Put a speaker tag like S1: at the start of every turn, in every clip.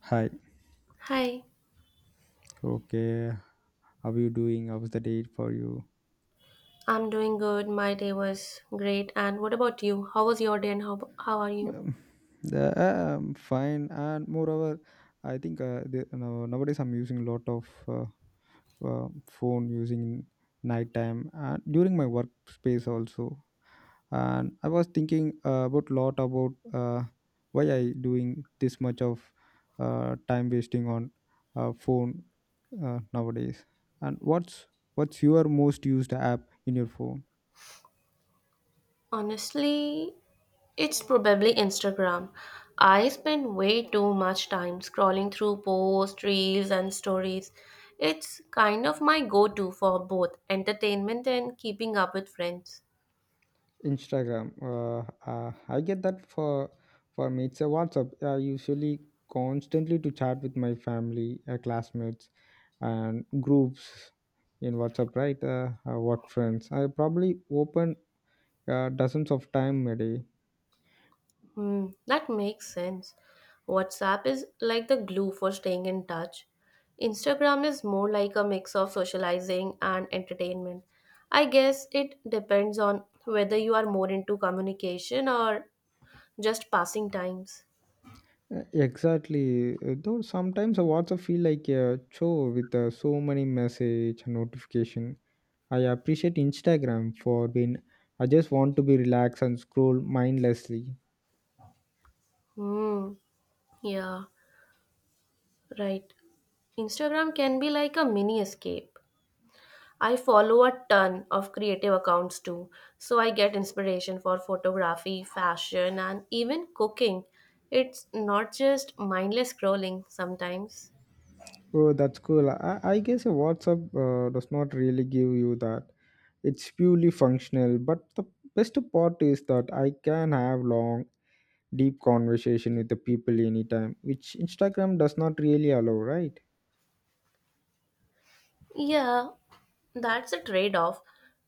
S1: Hi.
S2: Hi,
S1: Okay. How you doing? How's the date for you?
S2: I'm doing good. My day was great. And what about you? How was your day and how are you?
S1: Um, I'm fine. And moreover, I think nowadays I'm using a lot of phone using in nighttime and during my workspace also. And I was thinking about lot about why I doing this much of time wasting on phone nowadays. And what's your most used app in your phone?
S2: Honestly, it's probably Instagram. I spend way too much time scrolling through posts, reels, and stories. It's kind of my go to for both entertainment and keeping up with friends.
S1: Instagram. I get that for me. It's a WhatsApp. I usually constantly to chat with my family, classmates, and groups in WhatsApp. Right, work friends. I probably open dozens of time a day.
S2: Hmm, that makes sense. WhatsApp is like the glue for staying in touch. Instagram is more like a mix of socializing and entertainment. I guess it depends on whether you are more into communication or just passing times.
S1: Exactly. Though sometimes a WhatsApp feel like a chore with so many message and notification. I appreciate Instagram for being. I just want to be relaxed and scroll mindlessly.
S2: Hmm, yeah, right. Instagram can be like a mini escape. I follow a ton of creative accounts too, so I get inspiration for photography, fashion, and even cooking. It's not just mindless scrolling sometimes.
S1: Oh, that's cool. I guess a WhatsApp does not really give you that. It's purely functional. But the best part is that I can have long, deep conversation with the people anytime, which Instagram does not really allow, right?
S2: Yeah, that's a trade off.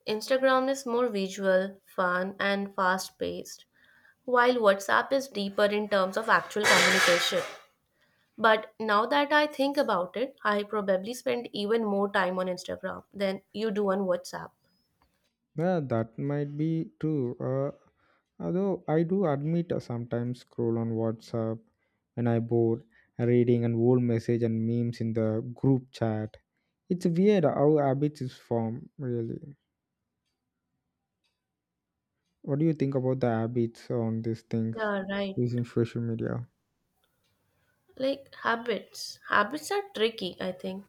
S2: Instagram is more visual, fun, and fast paced, while WhatsApp is deeper in terms of actual communication. But now that I think about it, I probably spend even more time on Instagram than you do on WhatsApp.
S1: Yeah, that might be true. Although I do admit I sometimes scroll on WhatsApp when I bored, reading an old message and memes in the group chat. It's weird how habits is formed, really. What do you think about the habits on these things
S2: Yeah, right.
S1: using social media?
S2: Habits are tricky, I think.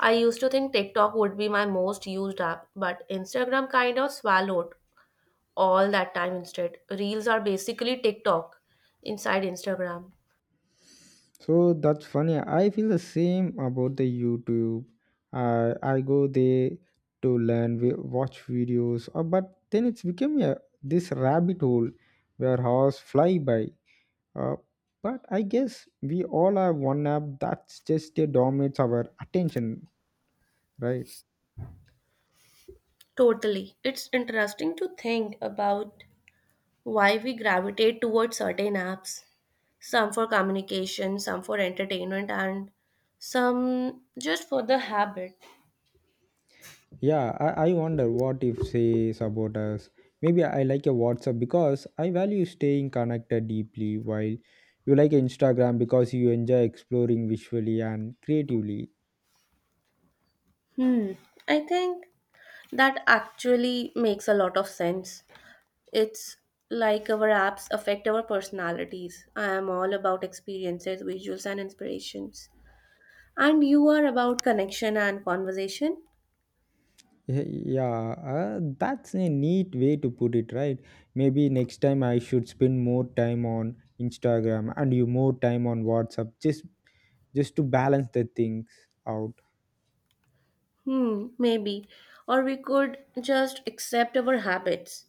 S2: I used to think TikTok would be my most used app, but Instagram kind of swallowed all that time instead. Reels are basically TikTok inside Instagram.
S1: So that's funny. I feel the same about the YouTube. I go there to learn, we watch videos, but then it's become a this rabbit hole where hours fly by. Uh, but I guess we all have one app that's just dominates our attention, right?
S2: Totally. It's interesting to think about why we gravitate towards certain apps, some for communication, some for entertainment, and some just for the habit.
S1: Yeah, I wonder what if say about. Maybe I like a WhatsApp because I value staying connected deeply, while you like Instagram because you enjoy exploring visually and creatively.
S2: Hmm. I think that actually makes a lot of sense. It's like our apps affect our personalities. I am all about experiences, visuals, and inspirations. And you are about connection and conversation?
S1: Y- Yeah, that's a neat way to put it, right? Maybe next time I should spend more time on Instagram and you more time on WhatsApp just to balance the things out.
S2: Hmm, maybe. Or we could just accept our habits.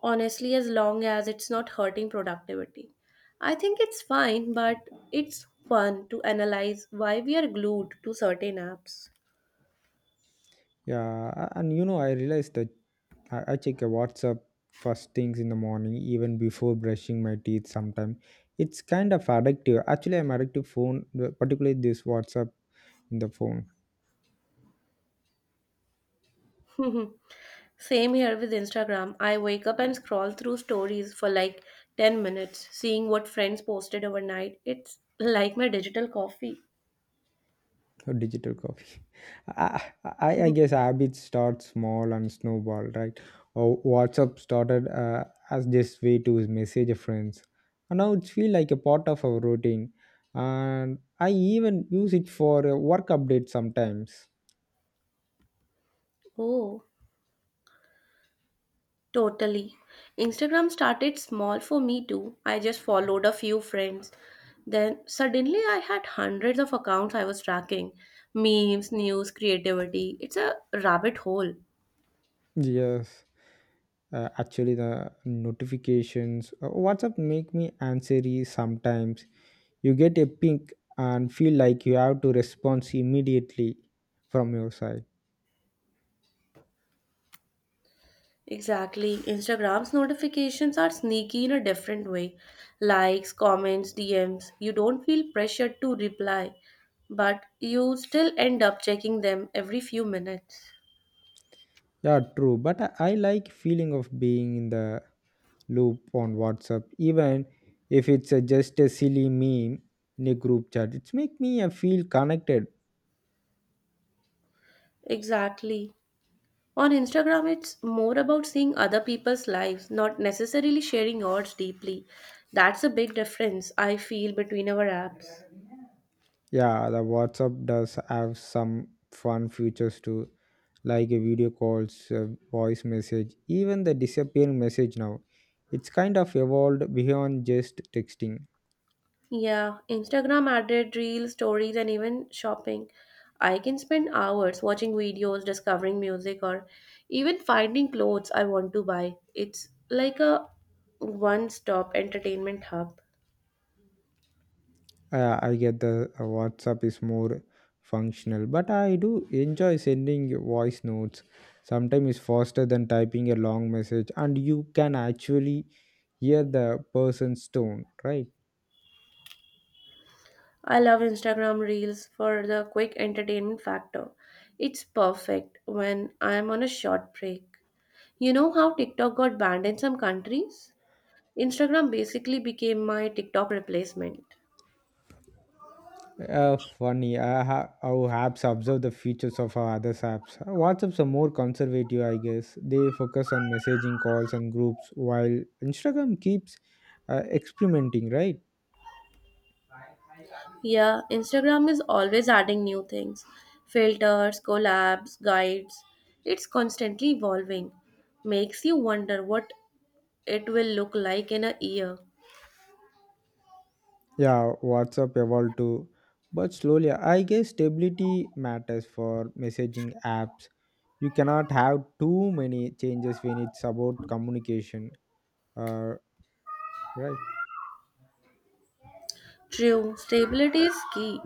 S2: Honestly, as long as it's not hurting productivity. I think it's fine, but it's fun to analyze why we are glued to certain apps.
S1: Yeah, and you know I realized that I check a WhatsApp first things in the morning, even before brushing my teeth. Sometimes it's kind of addictive. Actually, I'm addicted to phone, particularly this WhatsApp in the phone.
S2: Same here with Instagram. I wake up and scroll through stories for like 10 minutes, seeing what friends posted overnight. It's like my digital coffee.
S1: Or digital coffee. I, I
S2: Mhm.
S1: guess habits start small and snowball, right? Or WhatsApp started as this way to message friends, and now it feels like a part of our routine. And I even use it for work updates sometimes.
S2: Oh, totally. Instagram started small for me too. I just followed a few friends. Then suddenly I had hundreds of accounts I was tracking memes, news, creativity. It's a rabbit hole.
S1: Yes. Actually, the notifications, WhatsApp, make me answery sometimes. You get a ping and feel like you have to respond immediately from your side.
S2: Exactly. Instagram's notifications are sneaky in a different way. Likes, comments, DMs. You don't feel pressured to reply, but you still end up checking them every few minutes.
S1: Yeah, true, but I like feeling of being in the loop on WhatsApp, even if it's just a silly meme in a group chat, it's make me feel connected.
S2: Exactly. On Instagram, it's more about seeing other people's lives, not necessarily sharing yours deeply. That's a big difference I feel between our apps.
S1: Yeah, the WhatsApp does have some fun features too, like a video calls, voice message, even the disappearing message now. It's kind of evolved beyond just texting.
S2: Yeah, Instagram added reels, stories, and even shopping. I can spend hours watching videos, discovering music, or even finding clothes I want to buy. It's like a one stop entertainment hub.
S1: I get the WhatsApp is more functional, but I do enjoy sending voice notes. Sometimes it's faster than typing a long message, and you can actually hear the person's tone, right?
S2: I love Instagram reels for the quick entertainment factor. It's perfect when I'm on a short break. You know how TikTok got banned in some countries? Instagram basically became my TikTok replacement.
S1: Funny. How apps observe the features of our other apps. WhatsApp's are more conservative, I guess. They focus on messaging, calls, and groups, while Instagram keeps experimenting, right?
S2: Yeah, Instagram is always adding new things filters, collabs, guides. It's constantly evolving. Makes you wonder what it will look like in a year.
S1: Yeah, WhatsApp evolved too, but slowly. I guess stability matters for messaging apps. You cannot have too many changes when it's about communication. Uh, right.
S2: True, stability is key.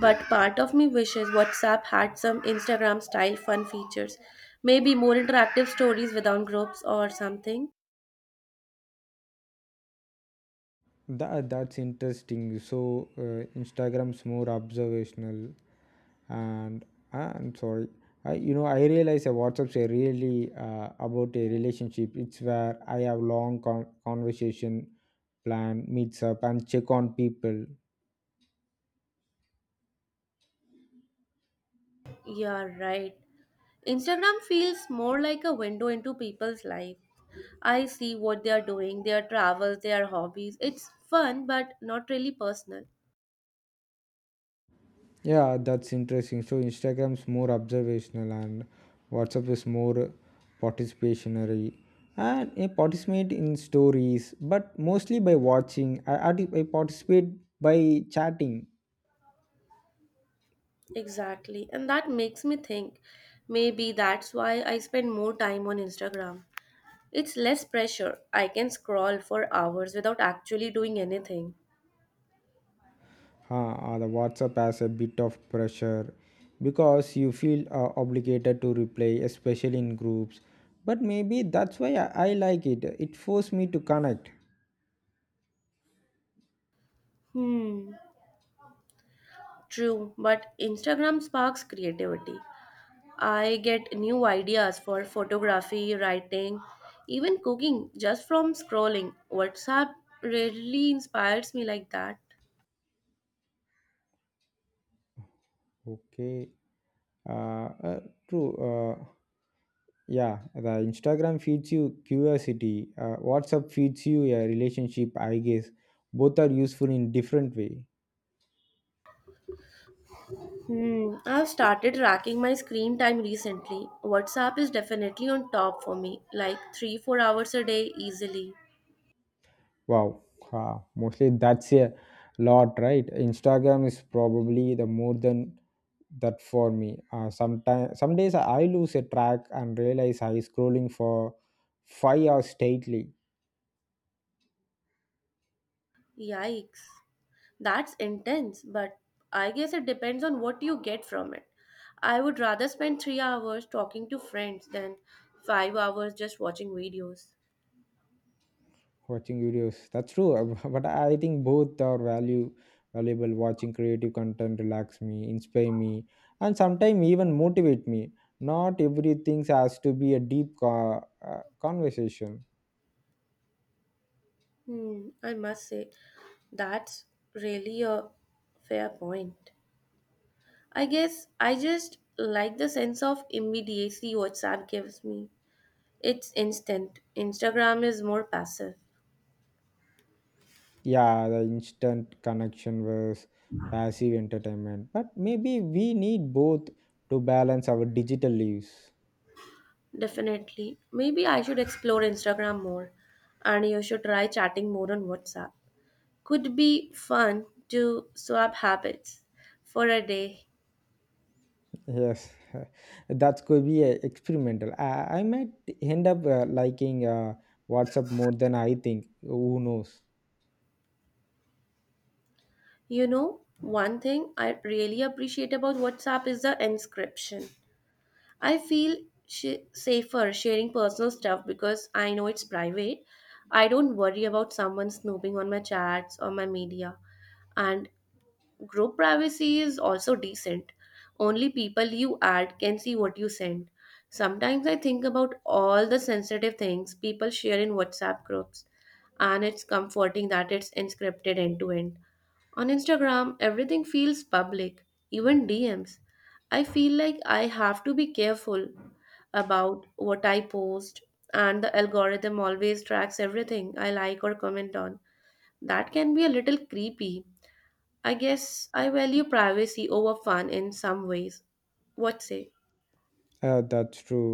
S2: But part of me wishes WhatsApp had some Instagram style fun features. Maybe more interactive stories without groups or something.
S1: That's interesting. So Instagram's more observational and I'm sorry. I you know i realize a WhatsApp's a really about a relationship. It's where I have long conversation, plan meets up, and check on people.
S2: Yeah, right. Instagram feels more like a window into people's life. I see what they are doing, their travels, their hobbies. It's fun, but not really personal.
S1: Yeah, that's interesting. So Instagram's more observational and WhatsApp is more participationary. And I participate in stories but mostly by watching. I participate by chatting.
S2: Exactly. And that makes me think maybe that's why I spend more time on Instagram. It's less pressure. I can scroll for hours without actually doing anything.
S1: The WhatsApp has a bit of pressure because you feel obligated to reply, especially in groups. But maybe that's why I like it. It forced me to connect.
S2: Hmm. True, but Instagram sparks creativity. I get new ideas for photography, writing, even cooking just from scrolling. WhatsApp rarely inspires me like that.
S1: Okay. Uh, uh, True. Yeah, the Instagram feeds you curiosity. WhatsApp feeds you a relationship. I guess both are useful in different way.
S2: Hmm, I've started tracking my screen time recently. WhatsApp is definitely on top for me, like 3 4 hours a day easily.
S1: Wow, wow. Mostly that's a lot, right? Instagram is probably the more than that for me. Sometimes, some days I lose a track and realize I scrolling for 5 hours straightly
S2: Yikes. That's intense, but I guess it depends on what you get from it. I would rather spend 3 hours talking to friends than 5 hours just watching videos.
S1: watching videos. That's true. But I think both are value valuable. Watching creative content relax me, inspire me, and sometimes even motivate me. Not everything has to be a deep conversation.
S2: Hmm, I must say, that's really a fair point. I guess I just like the sense of immediacy WhatsApp gives me. It's instant. Instagram is more passive.
S1: Yeah, the instant connection was passive entertainment, but maybe we need both to balance our digital lives.
S2: Definitely. Maybe I should explore Instagram more and you should try chatting more on WhatsApp. Could be fun to swap habits for a day.
S1: Yes. That's could be experimental. I might end up liking WhatsApp more than I think. Who knows?
S2: You know, one thing I really appreciate about WhatsApp is the inscription. I feel safer sharing personal stuff because I know it's private. I don't worry about someone snooping on my chats or my media and Group privacy is also decent. Only people you add can see what you send. Sometimes I think about all the sensitive things people share in WhatsApp groups, and it's comforting that it's encrypted end to end. On Instagram, everything feels public, even DMs. I feel like I have to be careful about what I post, and the algorithm always tracks everything I like or comment on. That can be a little creepy. I guess I value privacy over fun in some ways. What say?
S1: That's true.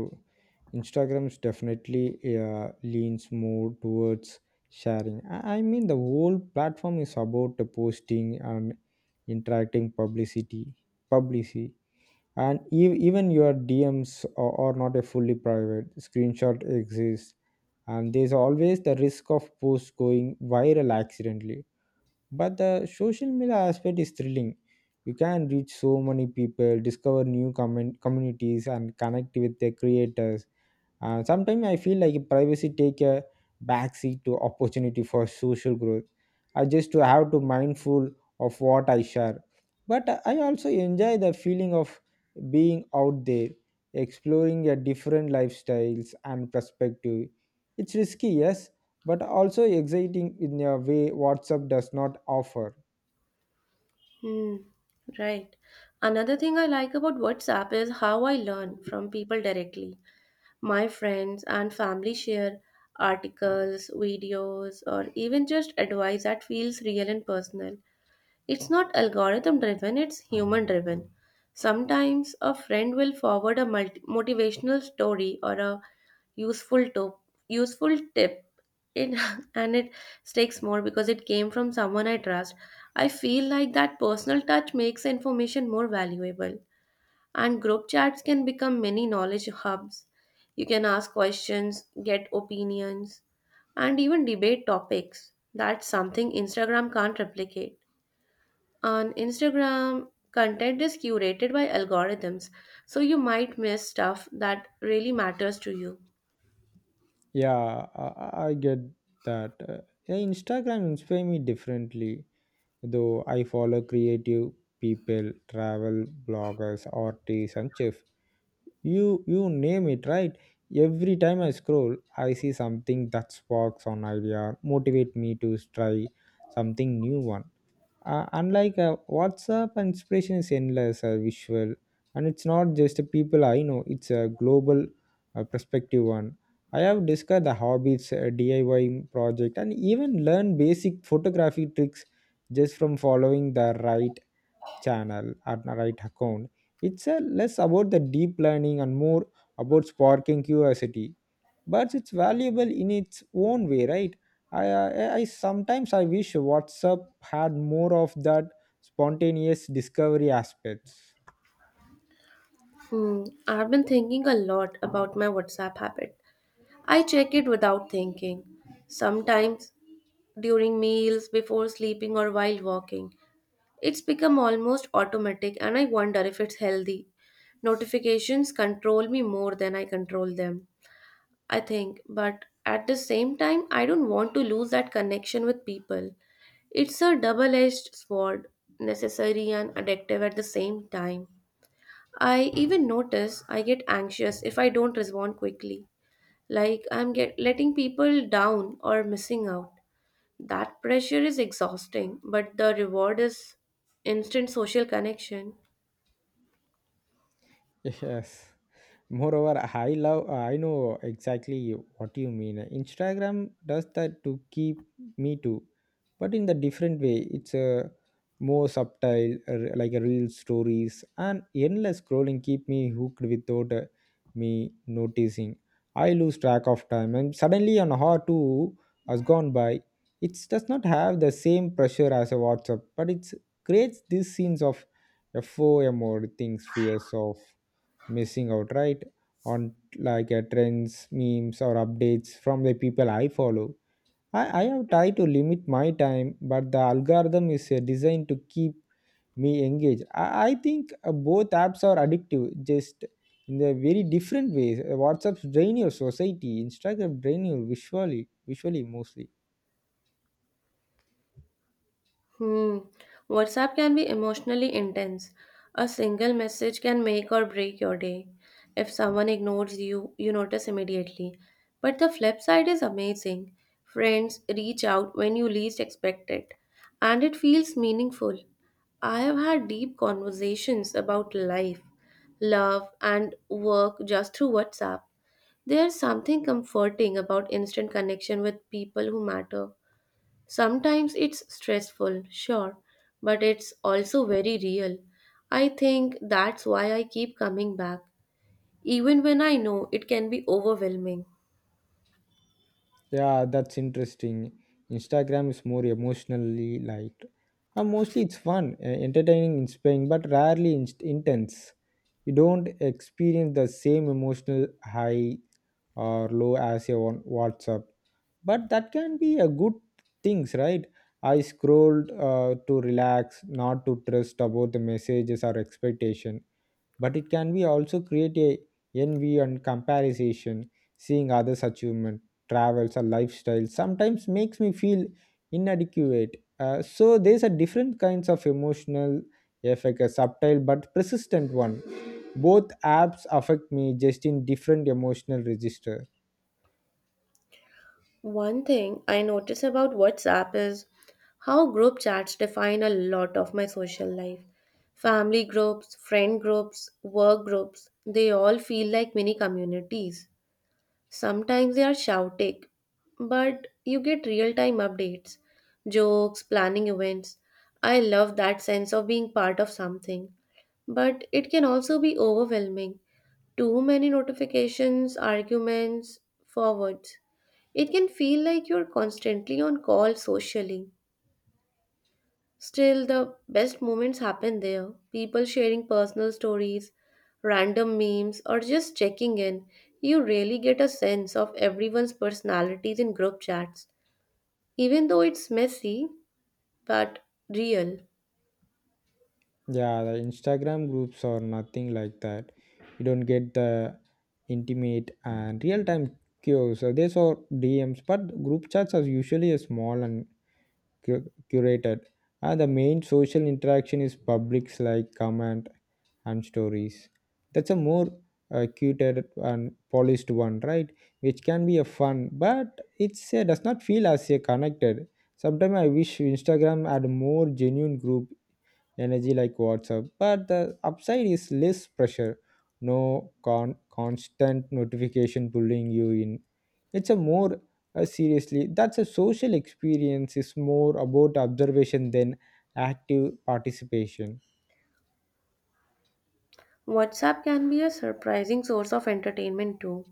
S1: Instagram's definitely leans more towards sharing. I mean the whole platform is about the posting and interacting publicity. Publicity. And even your DMs are not a fully private. Screenshot exists, and there's always the risk of posts going viral accidentally. But the social media aspect is thrilling. You can reach so many people, discover new comment communities, and connect with their creators. Sometimes I feel like privacy take a backseat to opportunity for social growth. I just to have to mindful of what I share. But I also enjoy the feeling of being out there, exploring a different lifestyles and perspective. It's risky, yes, but also exciting in a way WhatsApp does not offer.
S2: Hmm, right. Another thing I like about WhatsApp is how I learn from people directly. My friends and family share articles, videos, or even just advice that feels real and personal. It's not algorithm driven, it's human driven. Sometimes a friend will forward a motivational story or a useful, to- useful tip it and it sticks more because it came from someone I trust. I feel like that personal touch makes information more valuable. And group chats can become many knowledge hubs. You can ask questions, get opinions, and even debate topics. That's something Instagram can't replicate. On Instagram, content is curated by algorithms, so you might miss stuff that really matters to you.
S1: Yeah, I get that. Yeah, Instagram inspires me differently. Though I follow creative people, travel bloggers, artists, and chefs. You name it, right? Every time I scroll, I see something that sparks an idea, motivate me to try something new one, unlike WhatsApp, inspiration is endless, visual, and it's not just the people I know, it's a global perspective one. I have discovered the hobbies, DIY project, and even learn basic photography tricks just from following the right channel or the right account. It's less about the deep learning and more about sparking curiosity, but it's valuable in its own way, right? I sometimes I wish WhatsApp had more of that spontaneous discovery aspects.
S2: Hmm, I've been thinking a lot about my WhatsApp habit. I check it without thinking. Sometimes during meals, before sleeping, or while walking. It's become almost automatic, and I wonder if it's healthy. Notifications control me more than I control them, I think, but at the same time, I don't want to lose that connection with people. It's a double edged sword, necessary and addictive at the same time. I even notice I get anxious if I don't respond quickly like letting people down or missing out. That pressure is exhausting, but the reward is instant social connection.
S1: Yes. Moreover, I love, I know exactly what you mean. Instagram does that to keep me too, but in the different way. It's a more subtle, like a real stories and endless scrolling keep me hooked without me noticing. I lose track of time and suddenly an hour two has gone by. It does not have the same pressure as a WhatsApp, but it creates this sense of FOMO, or things fears of missing out, right? On, like, trends memes or updates from the people I follow. I have tried to limit my time, but the algorithm is designed to keep me engaged. I think both apps are addictive just in the very different ways. WhatsApp's drain your society. Instagram drain you visually mostly.
S2: Hmm. WhatsApp can be emotionally intense. A single message can make or break your day. If someone ignores you, you notice immediately. But the flip side is amazing. Friends reach out when you least expect it, and it feels meaningful. I have had deep conversations about life, love, and work just through WhatsApp. There's something comforting about instant connection with people who matter. Sometimes it's stressful, sure, but it's also very real. I think that's why I keep coming back, even when I know it can be overwhelming.
S1: Yeah, that's interesting. Instagram is more emotionally light. Mostly it's fun, entertaining, inspiring, but rarely inst intense. You don't experience the same emotional high or low as your on WhatsApp. But that can be a good things, right? I scrolled to relax, not to trust about the messages or expectation, but it can be also create a envy and comparison, seeing others achievement, travels or lifestyle, sometimes makes me feel inadequate. So there's a different kinds of emotional effect, a subtle but persistent one, both apps affect me just in different emotional register.
S2: One thing I notice about WhatsApp is how group chats define a lot of my social life. Family groups, friend groups, work groups, they all feel like mini communities. Sometimes they are shouting, but you get real time updates, jokes, planning events. I love that sense of being part of something, but it can also be overwhelming. Too many notifications, arguments, forwards. It can feel like you're constantly on call socially. Still, the best moments happen there. People sharing personal stories, random memes, or just checking in. You really get a sense of everyone's personalities in group chats. Even though it's messy, but real.
S1: Yeah, the Instagram groups are nothing like that. You don't get the intimate and real-time cues, so these are DMs, but group chats are usually a small and curated. And the main social interaction is publics like comment and stories. That's a more curated and polished one, right? Which can be a fun, but it's does not feel as connected. Sometimes I wish Instagram had more genuine group energy like WhatsApp. But the upside is less pressure, no constant notification pulling you in. It's a more seriously that's a social experience is more about observation than active participation.
S2: WhatsApp can be a surprising source of entertainment too.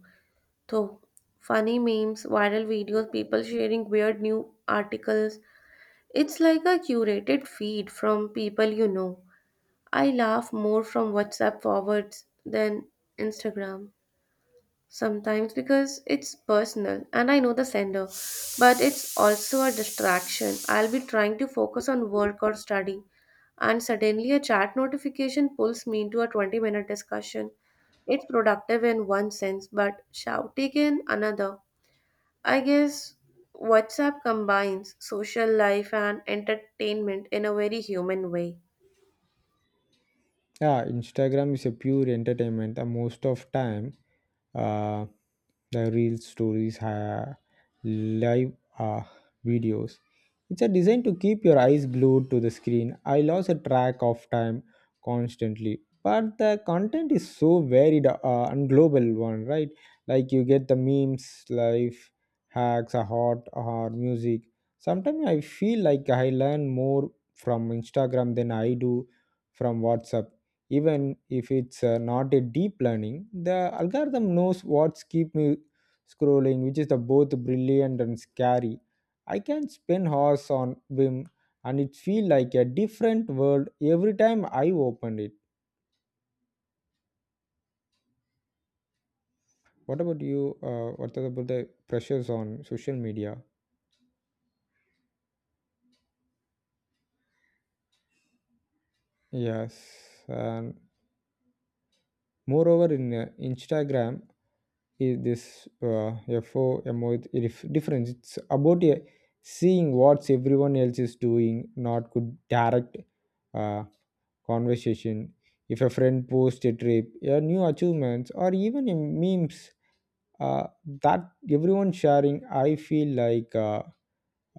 S2: Though funny memes, viral videos, people sharing weird new articles, it's like a curated feed from people you know. I laugh more from WhatsApp forwards than Instagram sometimes because it's personal and I know the sender, but it's also a distraction. I'll be trying to focus on work or study, and suddenly a chat notification pulls me into a 20-minute discussion. It's productive in one sense, but shouty in another. I guess WhatsApp combines social life and entertainment in a very human way.
S1: Yeah, Instagram is a pure entertainment the most of time. uh, the real stories, live, uh, videos. It's a design to keep your eyes glued to the screen. I lost a track of time constantly. But the content is so varied, and global one, right? Like you get the memes, life hacks, a hot or music. Sometimes I feel like I learn more from Instagram than I do from WhatsApp. Even if it's not a deep learning, the algorithm knows what's keep me scrolling, which is the both brilliant and scary. I can spend hours on Vim and it feel like a different world every time I opened it. What about you? What about the pressures on social media? Yes, and moreover in Instagram is this, uh, fo difference. It's about seeing what everyone else is doing, not good direct uh, conversation. If a friend posts a trip, a new achievements, or even a memes, uh, that everyone sharing, I feel like,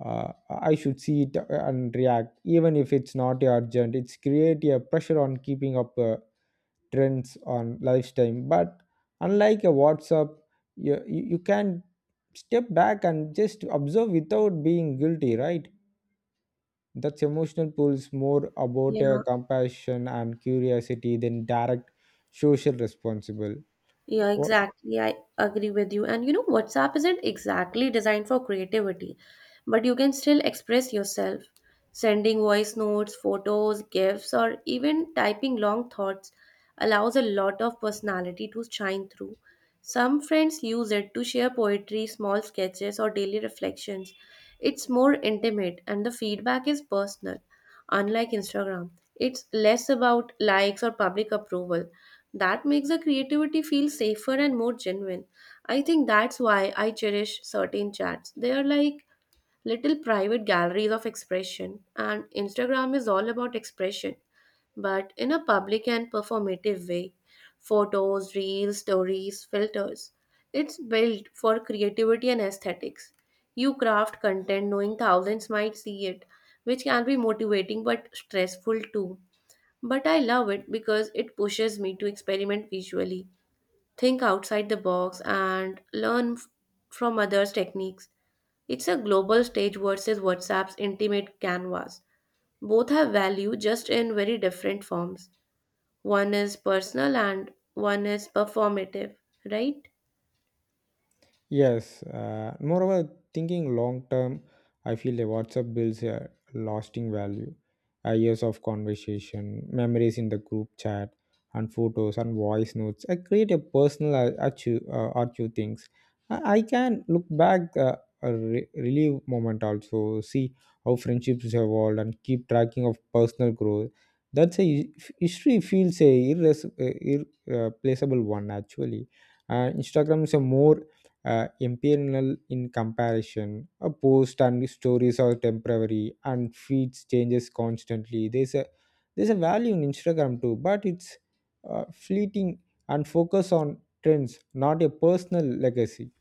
S1: uh, I should see it and react even if it's not urgent. It's create a pressure on keeping up, trends on lifestyle. But unlike a WhatsApp, you can step back and just observe without being guilty, right? That's emotional pull is more about,
S2: Yeah.
S1: compassion and curiosity than direct social responsible.
S2: Yeah, exactly. I agree with you. And you know, WhatsApp isn't exactly designed for creativity, but you can still express yourself, sending voice notes, photos, gifs, or even typing long thoughts allows a lot of personality to shine through. Some friends use it to share poetry, small sketches, or daily reflections. It's more intimate and the feedback is personal, unlike Instagram. It's less about likes or public approval that makes the creativity feel safer and more genuine. I think that's why I cherish certain chats. They are like little private galleries of expression, and Instagram is all about expression, but in a public and performative way. Photos, reels, stories, filters. It's built for creativity and aesthetics. You craft content knowing thousands might see it, which can be motivating but stressful too. But I love it because it pushes me to experiment visually, think outside the box, and learn from others' techniques. It's a global stage versus WhatsApp's intimate canvas. Both have value just in very different forms. One is personal and one is performative, right?
S1: Yes, moreover, thinking long term, I feel the WhatsApp builds a lasting value. Years of conversation, memories in the group chat, and photos and voice notes. I create a personal archive, archive things. I can look back, a relief moment also, see how friendships have evolved, and keep tracking of personal growth. That's a history feels a irreplaceable one actually. Instagram is a more imperial in comparison. A post and stories are temporary and feeds changes constantly. There's a value in Instagram too, but it's fleeting and focus on trends, not a personal legacy.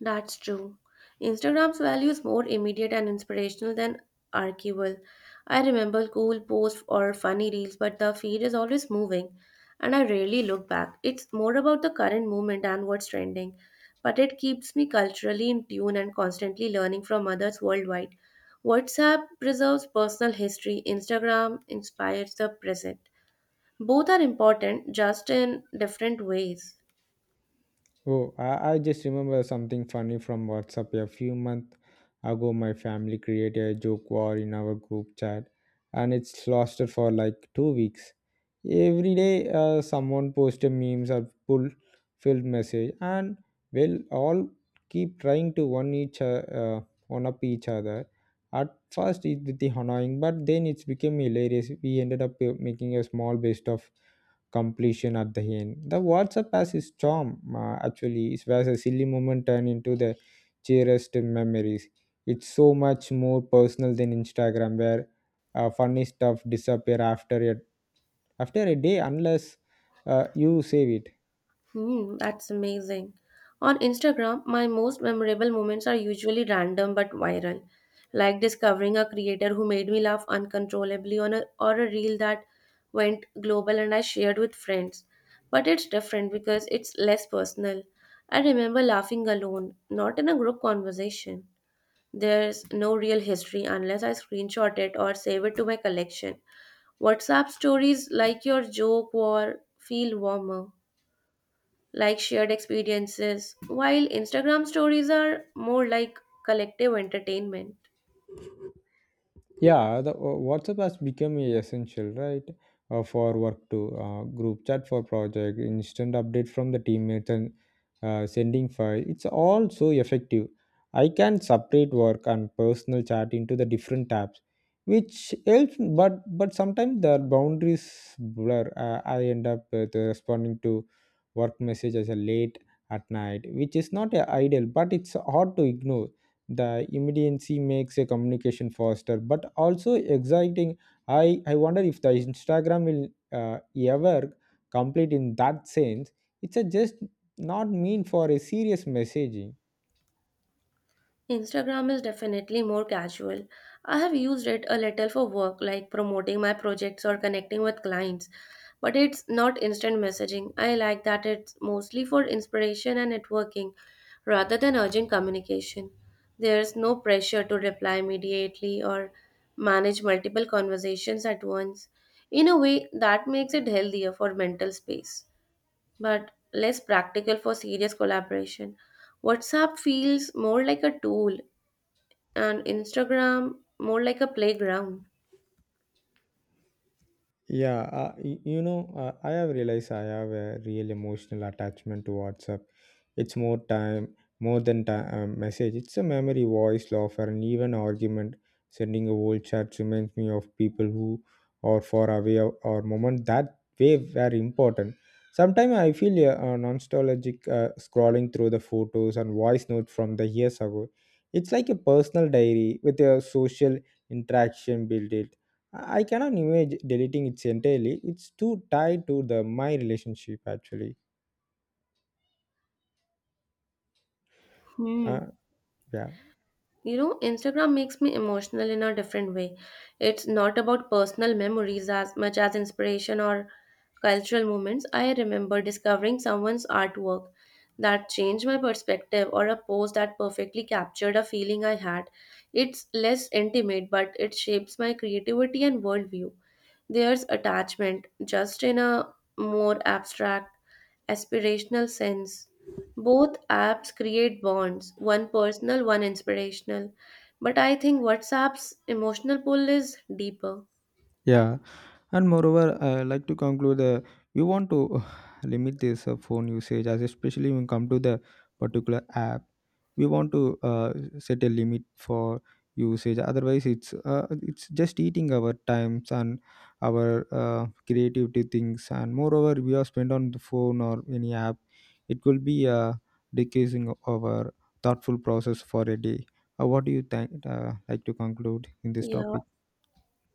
S2: That's true. Instagram's value is more immediate and inspirational than archival. I remember cool posts or funny reels, but the feed is always moving and I rarely look back. It's more about the current moment and what's trending, but it keeps me culturally in tune and constantly learning from others worldwide. WhatsApp preserves personal history, Instagram inspires the present. Both are important, just in different ways.
S1: Oh, I just remember something funny from WhatsApp a few months ago. My family created a joke war in our group chat, and it's lasted for like 2 weeks. Every day, someone posted memes or pull filled message, and we'll all keep trying to one each one up each other. At first, it was annoying, but then it's became hilarious. We ended up making a small best of completion at the end. The WhatsApp has its charm, actually, it's where a silly moment turned into the cheeriest memories. It's so much more personal than Instagram, where funny stuff disappear after a day unless you save it.
S2: Hmm, that's amazing. On Instagram, my most memorable moments are usually random but viral, like discovering a creator who made me laugh uncontrollably on a or a reel that went global and I shared with friends. But it's different because it's less personal. I remember laughing alone, not in a group conversation. There's no real history unless I screenshot it or save it to my collection. WhatsApp stories like your joke war feel warmer like shared experiences, while Instagram stories are more like collective entertainment.
S1: Yeah, the WhatsApp has become essential, right? For work to group chat for project, instant update from the teammates and sending file. It's all so effective. I can separate work and personal chat into the different tabs, which helps. But sometimes the boundaries blur. I end up with, responding to work messages late at night, which is not ideal, but it's hard to ignore. The immediacy makes a communication faster but also exciting. I wonder if the Instagram will uh, ever complete in that sense. It's a just not mean for a serious messaging.
S2: Instagram is definitely more casual. I have used it a little for work, like promoting my projects or connecting with clients, but it's not instant messaging. I like that it's mostly for inspiration and networking rather than urgent communication. There's no pressure to reply immediately or manage multiple conversations at once. In a way, that makes it healthier for mental space, but less practical for serious collaboration. WhatsApp feels more like a tool and Instagram more like a playground.
S1: Yeah, you know, I have realized I have a real emotional attachment to WhatsApp. It's more time, more than time message. It's a memory, voice, laughter, and even argument. Sending a old chat reminds me of people who are far away, or moment that way were important. Sometimes I feel a nostalgic scrolling through the photos and voice notes from the years ago. It's like a personal diary with a social interaction built in. I cannot imagine deleting it entirely. It's too tied to the my relationship actually.
S2: Hmm.
S1: Uh, yeah.
S2: You know, Instagram makes me emotional in a different way. It's not about personal memories as much as inspiration or cultural moments. I remember discovering someone's artwork that changed my perspective or a post that perfectly captured a feeling I had. It's less intimate, but it shapes my creativity and worldview. There's attachment just in a more abstract aspirational sense. Both apps create bonds, one personal, one inspirational. But I think WhatsApp's emotional pull is deeper.
S1: Yeah, and moreover, I like to conclude. We want to limit this phone usage, as especially when come to the particular app, we want to set a limit for usage. Otherwise, it's just eating our times and our creativity things. And moreover, we are spent on the phone or any app, it will be decreasing our thoughtful process for a day. What do you think? Like to conclude in this
S2: Yeah,
S1: topic?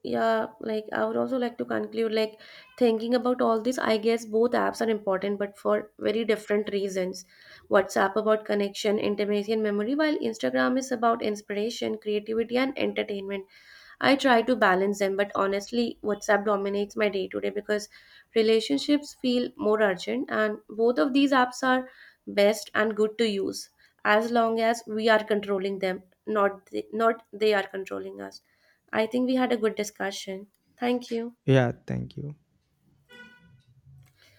S2: yeah, like I would also like to conclude like thinking about all this, I guess both apps are important, but for very different reasons. WhatsApp about connection, intimacy, and memory, while Instagram is about inspiration, creativity, and entertainment. I try to balance them, but honestly, WhatsApp dominates my day to day because relationships feel more urgent, and both of these apps are best and good to use as long as we are controlling them, not they are controlling us. I think we had a good discussion. Thank you.
S1: Yeah, thank you.